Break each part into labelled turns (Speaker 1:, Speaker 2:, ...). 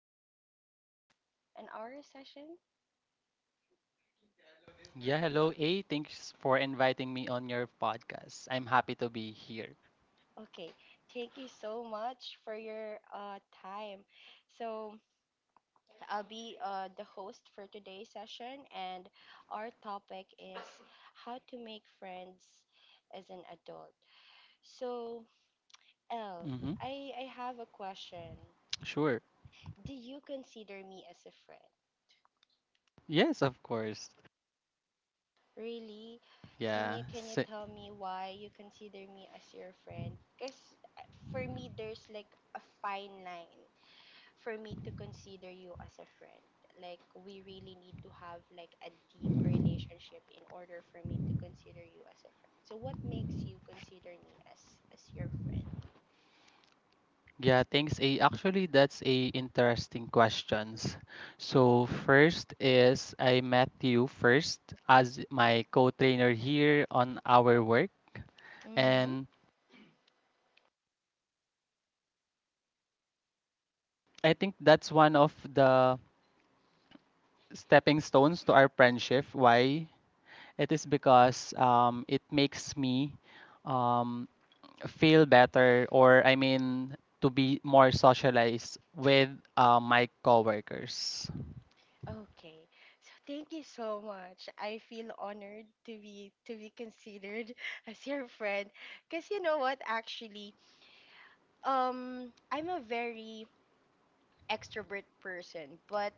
Speaker 1: having L an hour session.
Speaker 2: Yeah, hello A. Thanks for inviting me on your podcast. I'm happy to be here.
Speaker 1: Okay, thank you so much for your time. So, I'll be the host for today's session, and our topic is how to make friends as an adult. So, L,
Speaker 2: Mm-hmm.
Speaker 1: I have a question.
Speaker 2: Sure.
Speaker 1: Do you consider me as a friend?
Speaker 2: Yes, of course.
Speaker 1: Really? Can
Speaker 2: Yeah.
Speaker 1: you can you
Speaker 2: S-
Speaker 1: tell me why you consider me as your friend? Because for me there's like a fine line for me to consider you as a friend. Like we really need to have like a deep relationship in order for me to consider you as a friend. So what makes you consider me as your friend?
Speaker 2: yeah, thanks A. Actually, that's a interesting questions. So first is I met you first as my co-trainer here on our work,
Speaker 1: Mm-hmm.
Speaker 2: and I think that's one of the stepping stones to our friendship. Why? It is because it makes me um, feel better, or I mean, to be more socialized with my coworkers.
Speaker 1: Okay. So thank you so much. I feel honored to be considered as your friend. Cause you know what actually I'm a very extrovert person, but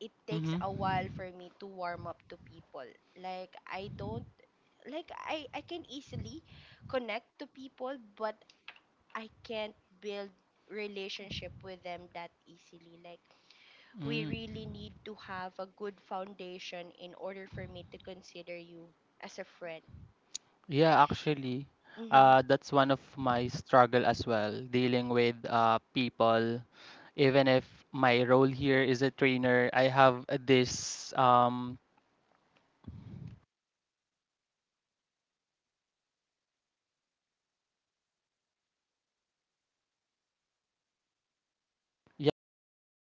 Speaker 1: it takes a
Speaker 2: Mm-hmm.
Speaker 1: while for me to warm up to people. Like I don't like I can easily connect to people, but I can't build relationship with them that easily. Like we
Speaker 2: Mm.
Speaker 1: really need to have a good foundation in order for me to consider you as a friend.
Speaker 2: Yeah, actually,
Speaker 1: Mhm.
Speaker 2: that's one of my struggle as well, dealing with people. Even if my role here is a trainer, I have this yeah, I have